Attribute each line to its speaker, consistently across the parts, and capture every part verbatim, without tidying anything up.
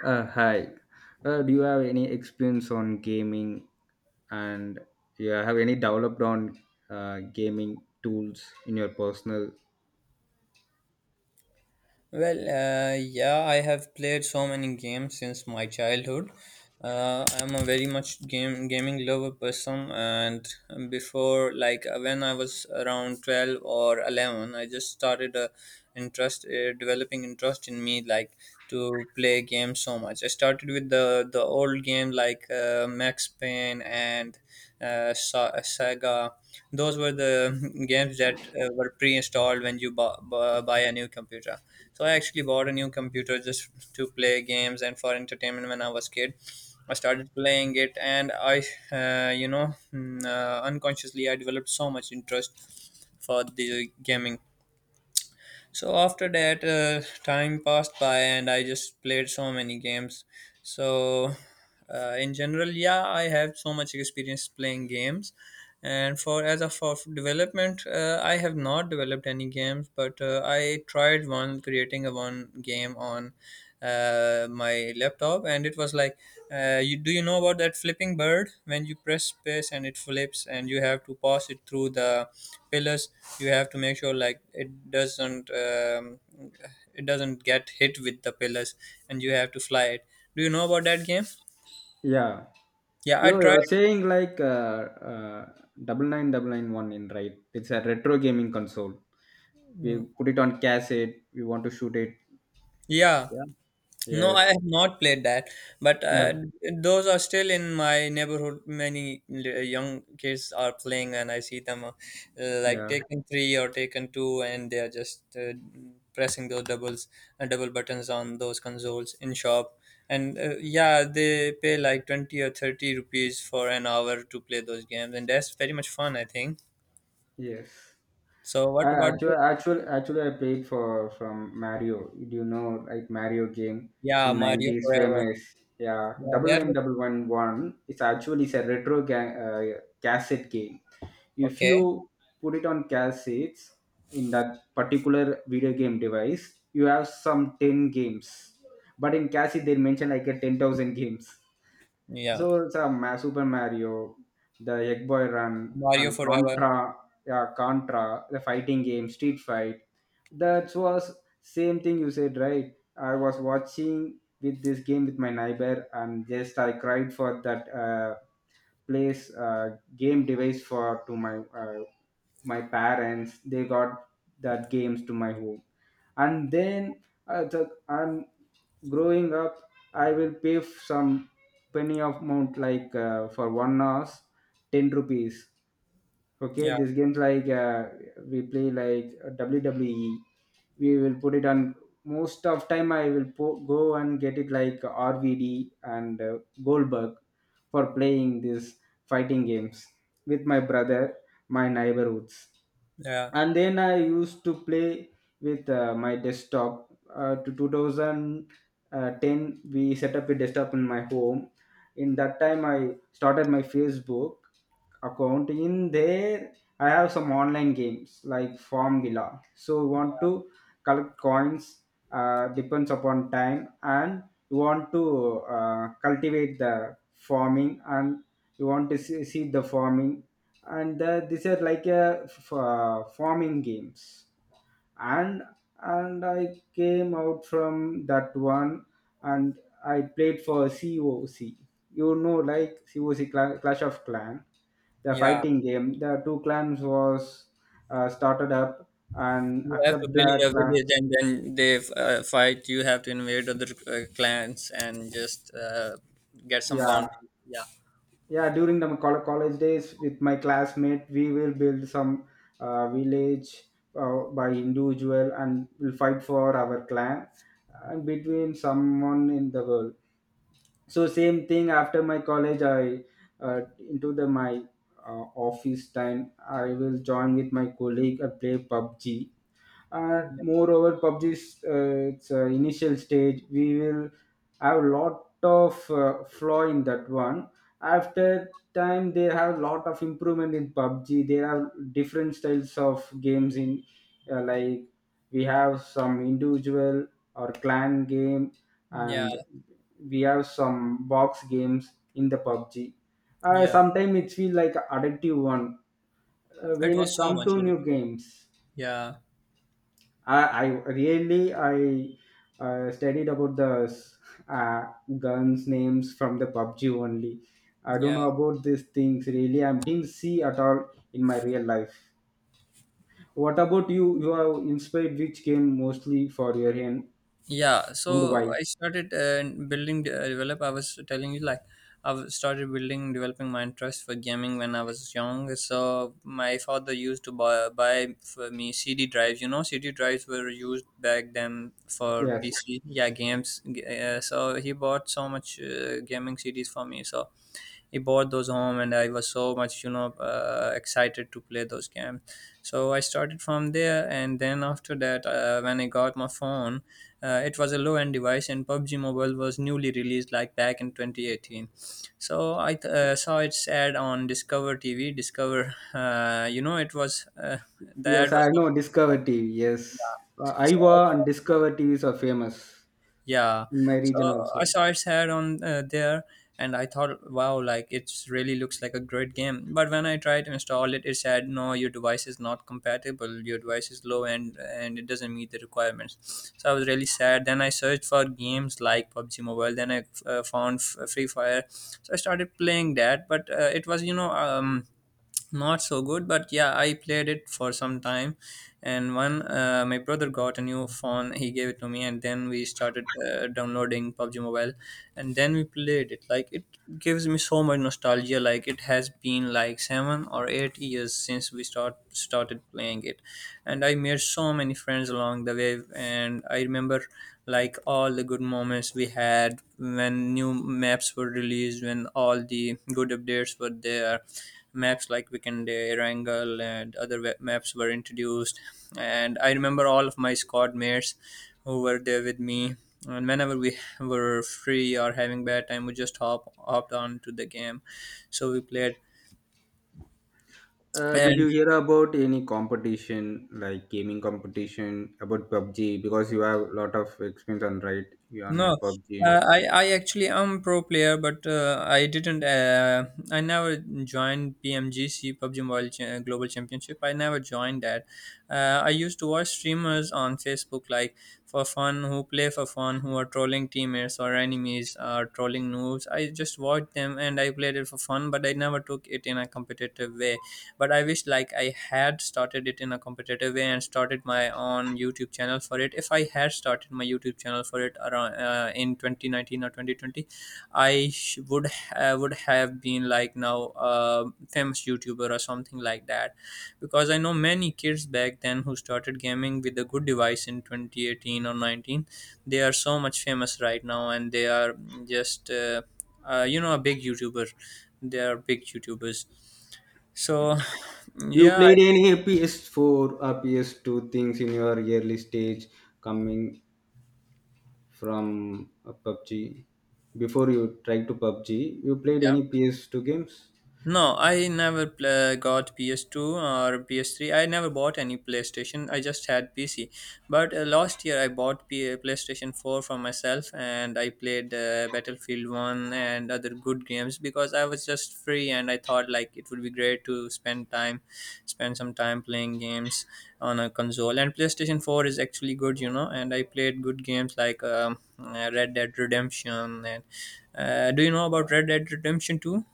Speaker 1: Uh, hi. Uh, do you have any experience on gaming and you have any developed on uh, gaming tools in your personal?
Speaker 2: Well, uh, yeah, I have played so many games since my childhood. Uh, I'm a very much game gaming lover person, and before, like uh, when I was around twelve or eleven, I just started a interest, uh, developing interest in me, like to play games so much. I started with the the old game like uh, Max Payne and uh, Sa- Saga. Those were the games that uh, were pre-installed when you bu- bu- buy a new computer, so I actually bought a new computer just to play games and for entertainment when I was kid. I started playing it, and I uh, you know mm, uh, unconsciously I developed so much interest for the gaming. So after that, uh, time passed by, and I just played so many games. So uh, in general, yeah, I have so much experience playing games. And for as of of development, uh, I have not developed any games, but uh, I tried one creating a one game on uh, my laptop, and it was like uh, you, do you know about that flipping bird when you press space and it flips and you have to pass it through the pillars? You have to make sure like it doesn't um, it doesn't get hit with the pillars, and you have to fly it. Do you know about that game?
Speaker 1: Yeah.
Speaker 2: Yeah, I
Speaker 1: You're, you're
Speaker 2: tried.
Speaker 1: saying like uh, uh, nine nine nine nine one in, right? It's a retro gaming console. We put it on cassette. We want to shoot it.
Speaker 2: Yeah.
Speaker 1: Yeah.
Speaker 2: No, I
Speaker 1: Yes.
Speaker 2: have not played that, but uh,
Speaker 1: Yeah.
Speaker 2: those are still in my neighborhood. Many l- young kids are playing, and I see them uh, like
Speaker 1: Yeah.
Speaker 2: taking three or taking two, and they are just uh, pressing those doubles and double buttons on those consoles in shop. And uh, yeah, they pay like twenty or thirty rupees for an hour to play those games, and that's very much fun, I think.
Speaker 1: Yes.
Speaker 2: So,
Speaker 1: I
Speaker 2: what about
Speaker 1: actually,
Speaker 2: you?
Speaker 1: actually, actually, I played for from Mario. Do you know, like, Mario game
Speaker 2: Yeah,
Speaker 1: in
Speaker 2: Mario
Speaker 1: nineties
Speaker 2: Forever.
Speaker 1: famous? Yeah,
Speaker 2: Yeah,
Speaker 1: double
Speaker 2: that
Speaker 1: nine
Speaker 2: was
Speaker 1: double one one. It's actually it's a retro ga- uh, cassette game. If
Speaker 2: okay.
Speaker 1: you put it on cassettes in that particular video game device, you have some ten games. But in cassette, they mention like a ten thousand games.
Speaker 2: Yeah,
Speaker 1: So it's a Ma- Super Mario, the Egg Boy Run,
Speaker 2: Mario
Speaker 1: and
Speaker 2: Forever.
Speaker 1: Contra, yeah, Contra, the fighting game, Street Fight. That was same thing you said, right? I was watching with this game with my neighbor, and just I cried for that uh, place uh, game device for to my uh, my parents. They got that games to my home, and then uh, the, I'm growing up. I will pay f- some penny of amount, like, uh, for one hour, ten rupees. Okay,
Speaker 2: Yeah.
Speaker 1: this games, like, uh, we play like W W E. We will put it on. Most of time, I will po- go and get it like R V D and uh, Goldberg for playing these fighting games with my brother, my neighborhoods.
Speaker 2: Yeah.
Speaker 1: And then I used to play with uh, my desktop uh, to two thousand ten. We set up a desktop in my home. In that time, I started my Facebook account in there. I have some online games like Formula, so you want to collect coins, uh, depends upon time, and you want to uh, cultivate the farming, and you want to see, see the farming. And uh, these are like a f- uh, farming games. And and I came out from that one, and I played for C O C. You know, like C O C, Cla- Clash of Clan, the
Speaker 2: Yeah,
Speaker 1: fighting game. The two clans was uh, started up and
Speaker 2: you have to
Speaker 1: accept
Speaker 2: build
Speaker 1: the
Speaker 2: a
Speaker 1: class.
Speaker 2: village, and then they uh, fight. You have to invade other uh, clans and just uh, get some
Speaker 1: Yeah,
Speaker 2: bounty. Yeah,
Speaker 1: yeah. During the col- college days, with my classmate, we will build some uh, village uh, by individual, and will fight for our clan and between someone in the world. So same thing after my college, I uh, into the my uh, office time, I will join with my colleague and play PUBG. And
Speaker 2: yeah,
Speaker 1: moreover, PUBG's uh, its uh, initial stage, we will have a lot of uh, flaw in that one. After time, they have lot of improvement in PUBG. There are different styles of games in, uh, like, we have some individual or clan game,
Speaker 2: yeah,
Speaker 1: and we have some box games in the PUBG. Uh,
Speaker 2: yeah.
Speaker 1: sometimes it feel like addictive one uh,
Speaker 2: It
Speaker 1: when
Speaker 2: was
Speaker 1: it
Speaker 2: so
Speaker 1: come
Speaker 2: much
Speaker 1: to new
Speaker 2: addictive.
Speaker 1: games.
Speaker 2: Yeah,
Speaker 1: I, I really, I uh, studied about the s- uh, guns names from the PUBG only. I don't
Speaker 2: yeah.
Speaker 1: know about these things really. I didn't see at all in my real life. What about you? You are inspired which game mostly for your hand
Speaker 2: Yeah,
Speaker 1: and
Speaker 2: so
Speaker 1: why?
Speaker 2: I started uh, building, uh, develop. I was telling you like I've started building, developing my interest for gaming when I was young. So my father used to buy, buy for me C D drives. You know, C D drives were used back then for
Speaker 1: Yes,
Speaker 2: P C. Yeah, games. G- Uh, so he bought so much uh, gaming C Ds for me. So he bought those home, and I was so much you know uh, excited to play those games. So I started from there, and then after that, uh, when I got my phone, uh, it was a low end device, and PUBG Mobile was newly released like back in twenty eighteen. So I th- uh, saw its ad on Discover TV, Discover, uh, you know it was, uh, the
Speaker 1: yes,
Speaker 2: ad was.
Speaker 1: I know Discover T V. Yes,
Speaker 2: Yeah.
Speaker 1: uh,
Speaker 2: So,
Speaker 1: Iowa and Discover T Vs are famous
Speaker 2: yeah,
Speaker 1: in my
Speaker 2: so
Speaker 1: region also.
Speaker 2: I saw its head on uh, there, and I thought, wow, like it's really looks like a great game. But when I tried to install it, it said, no, your device is not compatible. Your device is low end, and it doesn't meet the requirements. So I was really sad. Then I searched for games like PUBG Mobile. Then I uh, found F- Free Fire. So I started playing that, but uh, it was you know um not so good, but yeah, I played it for some time. And one, uh, my brother got a new phone. He gave it to me, and then we started uh, downloading PUBG Mobile, and then we played it. Like it gives me so much nostalgia. Like it has been like seven or eight years since we start started playing it, and I made so many friends along the way. And I remember like all the good moments we had when new maps were released, when all the good updates were there, maps like Weekend Day, Wrangle, and other we- maps were introduced. And I remember all of my squad mates who were there with me. And whenever we were free or having bad time, we just hop hopped on to the game. So we played.
Speaker 1: Uh, did you
Speaker 2: And
Speaker 1: hear about any competition, like, gaming competition about PUBG? Because you have a lot of experience on, right, you on your
Speaker 2: no,
Speaker 1: PUBG.
Speaker 2: uh, I I actually am pro player, but uh, I didn't. Uh, I never joined P M G C PUBG Mobile Cha- Global Championship. I never joined that. Uh, I used to watch streamers on Facebook, like for fun, who play for fun, who are trolling teammates or enemies, or trolling noobs. I just watched them and I played it for fun, but I never took it in a competitive way, but I wish like I had started it in a competitive way and started my own YouTube channel for it. If I had started my YouTube channel for it around uh, in twenty nineteen or twenty twenty, I sh- would ha- would have been like now a famous YouTuber or something like that, because I know many kids back then who started gaming with a good device in twenty eighteen or nineteen. They are so much famous right now, and they are just uh, uh, you know a big YouTuber. They are big YouTubers. So,
Speaker 1: You
Speaker 2: yeah,
Speaker 1: played
Speaker 2: I-
Speaker 1: any P S four or P S two things in your early stage coming from uh, PUBG? Before you tried to PUBG, you played
Speaker 2: yeah.
Speaker 1: any P S two games?
Speaker 2: No, I never pla got P S two or P S three. I never bought any PlayStation. I just had P C. But uh, last year I bought P- uh, PlayStation four for myself, and I played uh, Battlefield one and other good games because I was just free, and I thought like it would be great to spend time spend some time playing games on a console. And PlayStation four is actually good, you know, and I played good games like um, uh, Red Dead Redemption and uh, do you know about Red Dead Redemption two?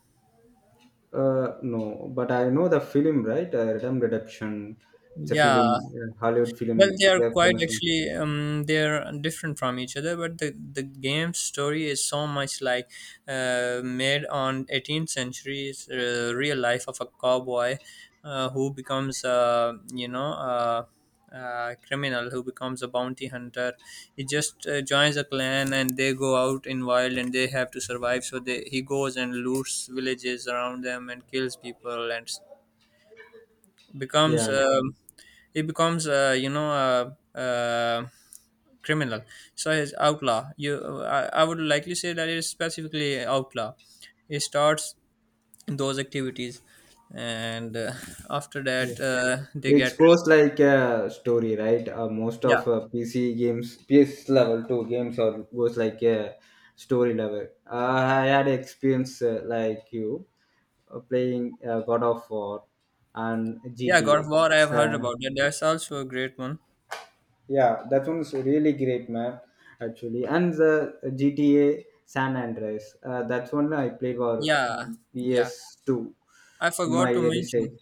Speaker 1: Uh, no, but I know the film, right? Uh, Red Dead Redemption. It's a
Speaker 2: Yeah.
Speaker 1: film, uh, Hollywood film.
Speaker 2: Well, they
Speaker 1: It's
Speaker 2: are
Speaker 1: a
Speaker 2: quite
Speaker 1: famous one.
Speaker 2: actually. Um, they are different from each other, but the the game story is so much like uh, made on eighteenth century's uh, real life of a cowboy, uh, who becomes a you know a, a criminal, who becomes a bounty hunter. He just uh, joins a clan, and they go out in wild, and they have to survive. So they he goes and loots villages around them and kills people and
Speaker 1: Yeah,
Speaker 2: becomes um, he becomes uh, you know uh a criminal. So he's outlaw. You I, I would likely say that it's specifically outlaw. He starts those activities, and uh, after
Speaker 1: yeah.
Speaker 2: that, uh, they
Speaker 1: It
Speaker 2: get.
Speaker 1: goes like a story, right? Uh, most
Speaker 2: Yeah.
Speaker 1: of uh, P C games, P S level two games, or goes like a story level. Uh, I had experience, uh, like you, uh, playing uh, God of War and
Speaker 2: Yeah, God of
Speaker 1: G T A.
Speaker 2: War, I have heard
Speaker 1: So
Speaker 2: about that. That's also a great one.
Speaker 1: yeah, that one's really great, man. Actually, and the G T A San Andreas. Uh, that's one I played for
Speaker 2: Yeah.
Speaker 1: in
Speaker 2: Yeah,
Speaker 1: P S two
Speaker 2: i
Speaker 1: in
Speaker 2: forgot
Speaker 1: my
Speaker 2: to
Speaker 1: early
Speaker 2: mention
Speaker 1: stage.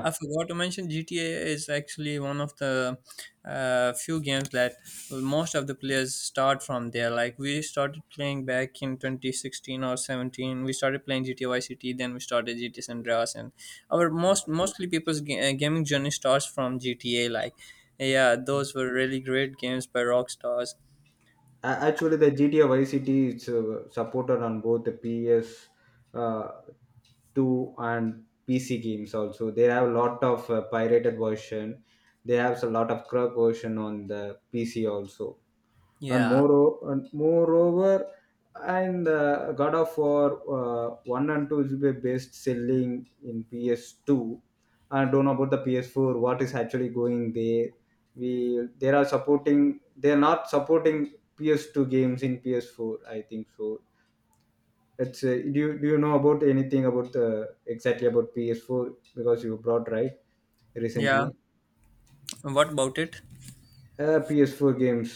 Speaker 2: I forgot to mention G T A is actually one of the uh, few games that most of the players start from there. Like we started playing back in twenty sixteen or seventeen. We started playing G T A Vice City, then we started G T A San Andreas, and our
Speaker 1: yeah.
Speaker 2: most mostly people's ga- uh, gaming journey starts from G T A. Like, yeah, those were really great games by Rockstars.
Speaker 1: A- Actually, the G T A Vice City is uh, supported on both the P S uh, two and P C games also. They have a lot of uh, pirated version. They have a lot of crack version on the P C also. and
Speaker 2: Yeah,
Speaker 1: more and moreover, and uh, God of War uh, one and two is the best selling in P S two. I don't know about the P S four, what is actually going there. We They are supporting, they are not supporting P S two games in P S four, I think so. It's, uh, do, you, do you know about anything about, uh, exactly, about P S four, because you brought, right,
Speaker 2: yeah.
Speaker 1: recently,
Speaker 2: What about it?
Speaker 1: uh, P S four games?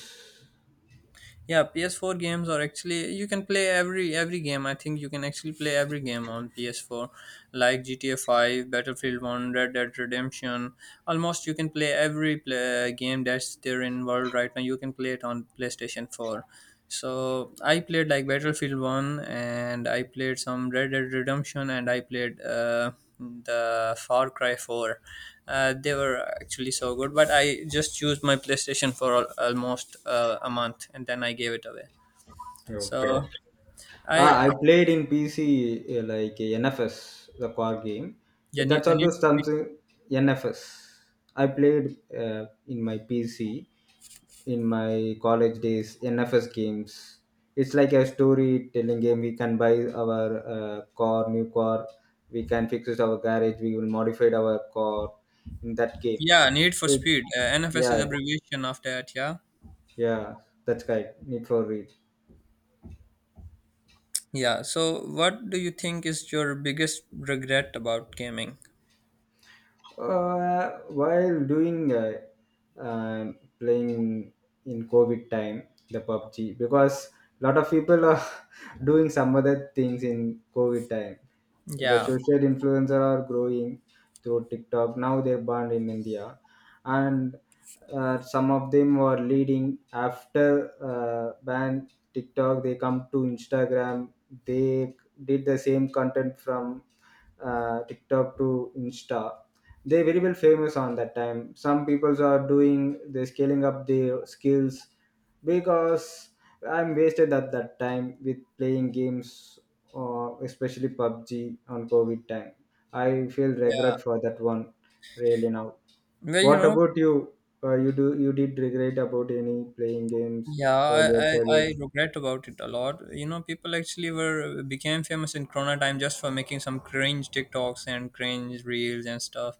Speaker 2: Yeah, P S four games are actually, you can play every every game. I think you can actually play every game on P S four, like GTA five, Battlefield one, Red Dead Redemption. Almost you can play every play, game that's there in world right now. You can play it on PlayStation four. So I played like Battlefield One, and I played some Red Dead Redemption, and I played uh, the Far Cry Four. Uh, they were actually so good, but I just used my PlayStation for al- almost uh, a month, and then I gave it away. So
Speaker 1: Okay. Ah, I
Speaker 2: I.
Speaker 1: played in P C uh, like uh, N F S, the car game. Eh,
Speaker 2: Yeah, need,
Speaker 1: That's also
Speaker 2: need for speed.
Speaker 1: something, N F S. I played uh, in my P C in my college days N F S games. It's like a storytelling game. We can buy our uh, car, new car. We can fix it our garage. We will modify our car in that game.
Speaker 2: Yeah, Need for
Speaker 1: It,
Speaker 2: Speed. Uh, N F S is
Speaker 1: yeah,
Speaker 2: abbreviation of that. Yeah,
Speaker 1: yeah, that's right. Need for read.
Speaker 2: yeah. So what do you think is your biggest regret about gaming?
Speaker 1: Uh, while doing, uh, um playing in COVID time the PUBG, because a lot of people are doing some other things in COVID time. The
Speaker 2: Yeah.
Speaker 1: social influencer are growing through TikTok. Now they're banned in India. And uh, some of them were leading after uh, ban TikTok, they come to Instagram. They did the same content from uh, TikTok to Insta. They very well famous on that time. Some peoples are doing, they scaling up their skills, because I'm wasted at that time with playing games, uh, especially PUBG on COVID time. I feel regret
Speaker 2: Yeah.
Speaker 1: for that one, really, now.
Speaker 2: Well, you
Speaker 1: What
Speaker 2: know.
Speaker 1: about you? Uh, you do You did regret about any playing games
Speaker 2: Yeah,
Speaker 1: while your
Speaker 2: I, I,
Speaker 1: childhood?
Speaker 2: I regret about it a lot. You know, people actually were became famous in Corona time just for making some cringe TikToks and cringe reels and stuff.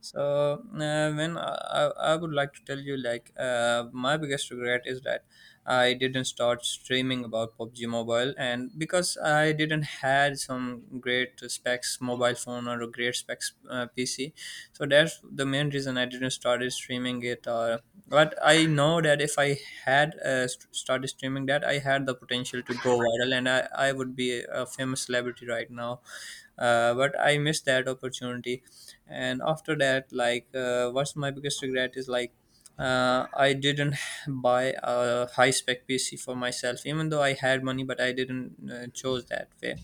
Speaker 2: So uh, when I, I I would like to tell you, like uh, my biggest regret is that I didn't start streaming about PUBG Mobile, and because I didn't had some great specs mobile phone or a great specs uh, P C, so that's that's the main reason I didn't started streaming it. Or, but I know that if I had uh, st- started streaming that, I had the potential to go viral, and I I would be a famous celebrity right now. Uh, but I missed that opportunity, and after that, like, uh, what's my biggest regret is like. Uh, I didn't buy a high spec P C for myself, even though I had money, but I didn't uh, chose that way.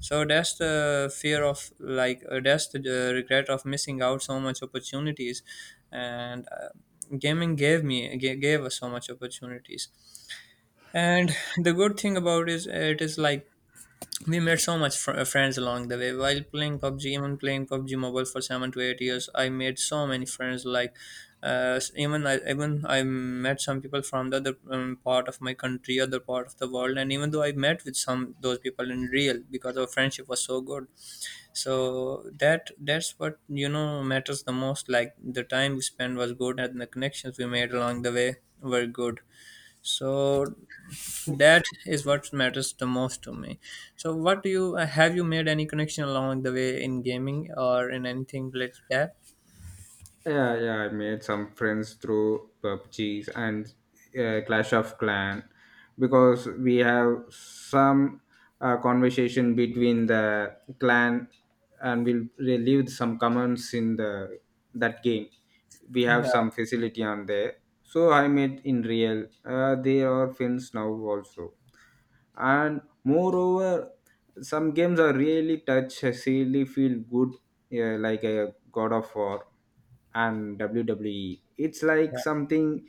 Speaker 2: So that's the fear of like uh, that's the uh, regret of missing out so much opportunities, and uh, gaming gave me ga- gave us so much opportunities. And the good thing about is it is like we made so much fr- uh, friends along the way while playing PUBG. Even playing PUBG Mobile for seven to eight years, I made so many friends. Like uh, s- even I even I met some people from the other um, part of my country, other part of the world. And even though I met with some those people in real because our friendship was so good. So that that's what you know matters the most. Like the time we spent was good, and the connections we made along the way were good. So that is what matters the most to me. So what do you, uh, have you made any connection along the way in gaming or in anything related to that?
Speaker 1: Yeah, yeah, I made some friends through PUBGs and uh, Clash of Clan, because we have some uh, conversation between the clan, and we'll relieve some comments in the that game. We have
Speaker 2: Yeah,
Speaker 1: some facility on there. So I met in real. Uh, they are friends now also. And moreover, some games are really touch, really feel good, yeah, like a God of War and W W E. It's like
Speaker 2: yeah,
Speaker 1: something.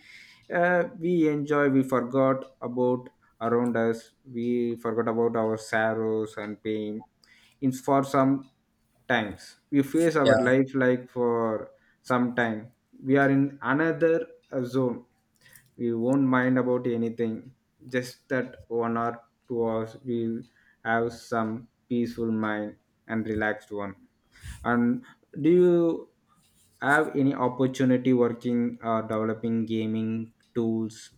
Speaker 1: uh, We enjoy, we forgot about around us, we forgot about our sorrows and pain in for some times. We face
Speaker 2: yeah.
Speaker 1: our life, like, for some time we are in another uh, zone. We won't mind about anything, just that one or two hours we'll have some peaceful mind and relaxed one. And do you have any opportunity working or developing gaming tools,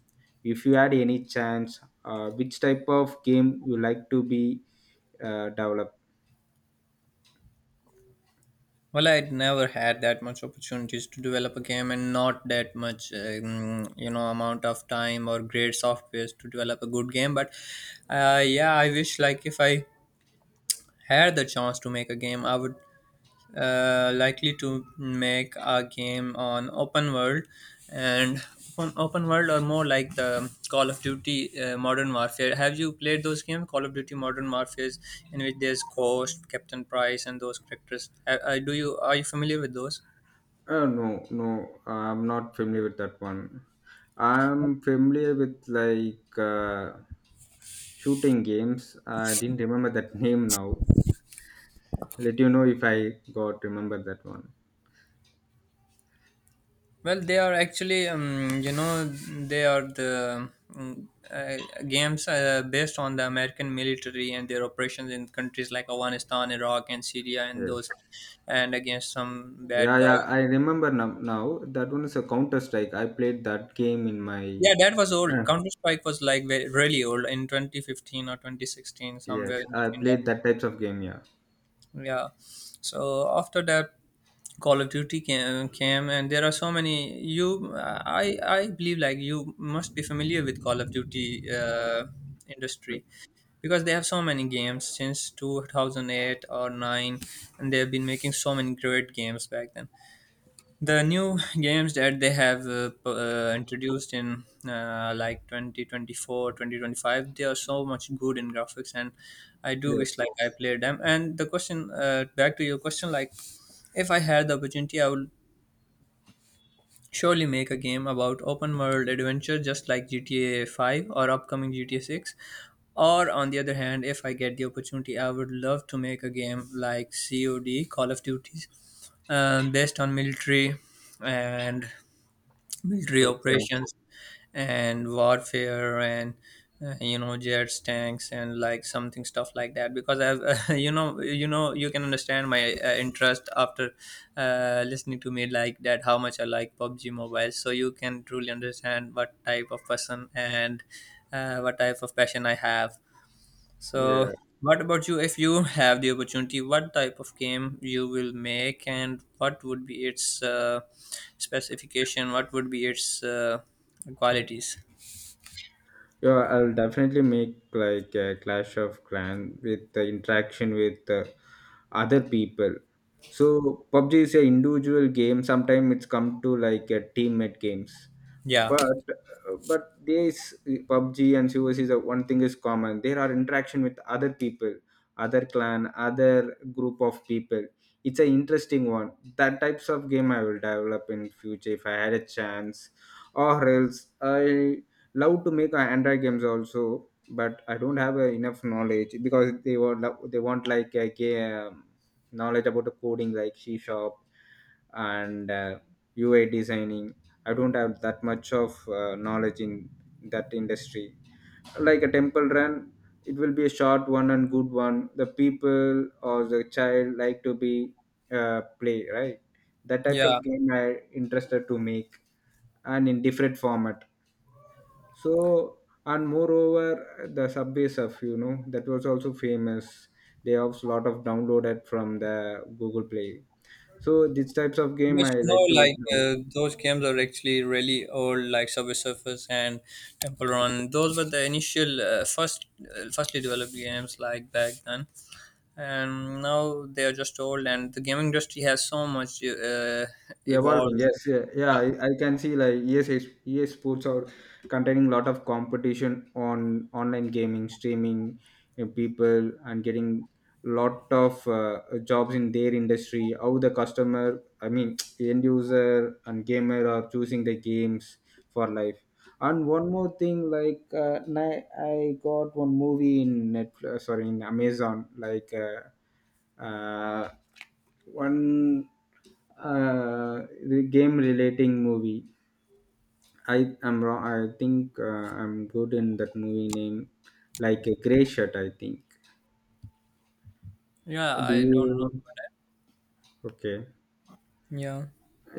Speaker 1: if you had any chance, uh, which type of game you like to be uh, developed?
Speaker 2: Well, I'd never had that much opportunities to develop a game, and not that much um, you know amount of time or great softwares to develop a good game, but uh, yeah, I wish like if I had the chance to make a game, I would uh, likely to make a game on open world. And open, open world, or more like the Call of Duty uh, Modern Warfare. Have you played those games, Call of Duty Modern Warfare, in which there's Ghost, Captain Price, and those characters? Uh, uh, do you Are you familiar with those?
Speaker 1: Uh, no, no, I'm not familiar with that one. I'm familiar with like uh, shooting games. I didn't remember that name now. Let you know if I got remember that one.
Speaker 2: Well, they are actually, um, you know, they are the um, uh, games uh, based on the American military and their operations in countries like Afghanistan, Iraq, and Syria, and
Speaker 1: Yes.
Speaker 2: those, and against some bad
Speaker 1: Yeah,
Speaker 2: guy.
Speaker 1: yeah. I remember now. now. That one is a Counter Strike. I played that game in my.
Speaker 2: Yeah, that was old.
Speaker 1: Uh,
Speaker 2: Counter Strike was like ve- really old in twenty fifteen or twenty sixteen,
Speaker 1: yes,
Speaker 2: somewhere in
Speaker 1: I
Speaker 2: between.
Speaker 1: played that types of game. Yeah.
Speaker 2: Yeah, so after that, Call of Duty came, came, and there are so many. You i i believe like you must be familiar with Call of Duty uh, industry, because they have so many games since two thousand eight or nine, and they have been making so many great games back then. The new games that they have uh, p- uh, introduced in, uh, like, twenty twenty four, twenty twenty five, they are so much good in graphics. And I do wish
Speaker 1: Yes.
Speaker 2: like I played them. And the question, uh, back to your question, like, if I had the opportunity, I would surely make a game about open world adventure, just like gta five or upcoming gta six. Or on the other hand, if I get the opportunity, I would love to make a game like COD, Call of Duties, um, based on military, and military
Speaker 1: Okay.
Speaker 2: operations, and warfare, and uh, you know jets, tanks, and like something stuff like that. Because I've you know, you know, you can understand my uh, interest after uh, listening to me like that, how much I like PUBG Mobile. So you can truly understand what type of person and uh, what type of passion I have.
Speaker 1: Yeah.
Speaker 2: So what about you? If you have the opportunity, what type of game you will make, and what would be its uh, specification? What would be its uh, qualities?
Speaker 1: Yeah, I'll definitely make like a Clash of Clan with the interaction with uh, other people. So PUBG is a individual game. Sometimes it's come to like a teammate games,
Speaker 2: Yeah,
Speaker 1: but uh, but this PUBG and C O S is a, one thing is common. There are interaction with other people, other clan, other group of people. It's an interesting one. That types of game I will develop in future, if I had a chance, or else I love to make uh, Android games also. But I don't have uh, enough knowledge, because they were lo- they want like, uh, ga- um, knowledge about the coding, like C sharp and uh, U I designing. I don't have that much of uh, knowledge in that industry. Like a Temple Run, it will be a short one and good one, the people or the child like to be uh, play, right? That types
Speaker 2: yeah.
Speaker 1: of game I interested to make, and in different format, so. And moreover, the Subway Surf, you know, that was also famous. They have a lot of downloaded from the Google Play. So these types of game
Speaker 2: But
Speaker 1: I
Speaker 2: you
Speaker 1: like
Speaker 2: know,
Speaker 1: to
Speaker 2: like,
Speaker 1: you
Speaker 2: uh, those games are actually really old, like Subway Surfers and Temple Run. Those were the initial, uh, first, uh, firstly developed games like back then, and now they are just old. And the gaming industry has so much uh,
Speaker 1: know, evolving.
Speaker 2: evolved.
Speaker 1: Yes, yeah, yeah.
Speaker 2: Yeah,
Speaker 1: I, I can see like E S A, E A Sports are containing a lot of competition on online gaming, streaming, you know, people, and getting lot of uh, jobs in their industry. How the customer, I mean, end user and gamer are choosing the games for life. And one more thing, like uh, ni- I got one movie in Netflix, uh, sorry, in Amazon, like uh, uh, one uh, game relating movie. I am wrong. I think uh, I'm good in that movie name, like a gray shirt. I think.
Speaker 2: yeah.
Speaker 1: Do
Speaker 2: I don't.
Speaker 1: you? Okay.
Speaker 2: Yeah.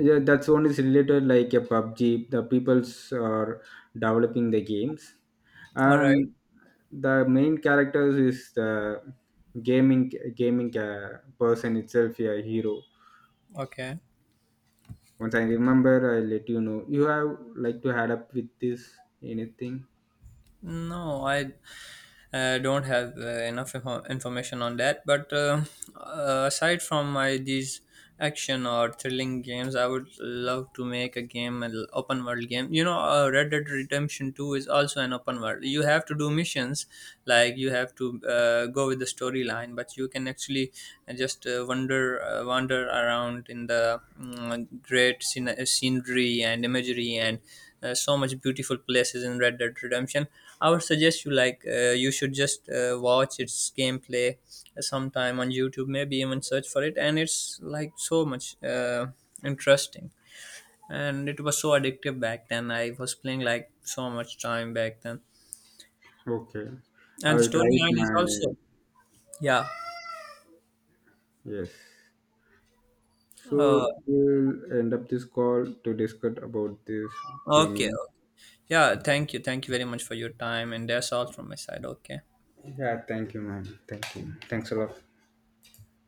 Speaker 1: Yeah, that's one is related like a PUBG. The peoples are developing the games,
Speaker 2: All right.
Speaker 1: and the main characters is the gaming gaming uh, person itself, a hero.
Speaker 2: Okay.
Speaker 1: Once I remember, I let you know. You have like to add up with this anything?
Speaker 2: No, I I don't have uh, enough info- information on that, but uh, uh, aside from my these action or thrilling games, I would love to make a game, an open world game. You know, uh, Red Dead Redemption Two is also an open world. You have to do missions, like you have to uh, go with the storyline, but you can actually uh, just uh, wander uh, wander around in the mm, great scen- scenery and imagery and uh, so much beautiful places in Red Dead Redemption. I would suggest you like, uh, you should just uh, watch its gameplay sometime on YouTube, maybe even search for it, and it's like so much uh, interesting. And it was so addictive back then. I was playing like so much time back then,
Speaker 1: Okay,
Speaker 2: and the
Speaker 1: I'll try it
Speaker 2: storyline is
Speaker 1: my.
Speaker 2: also yeah.
Speaker 1: Yes.
Speaker 2: Uh,
Speaker 1: So we'll end up this call to discuss about this
Speaker 2: okay,
Speaker 1: gaming.
Speaker 2: yeah. Thank you, thank you very much for your time, and that's all from my side. Okay.
Speaker 1: Yeah, thank you, man, thank you. Thanks a lot.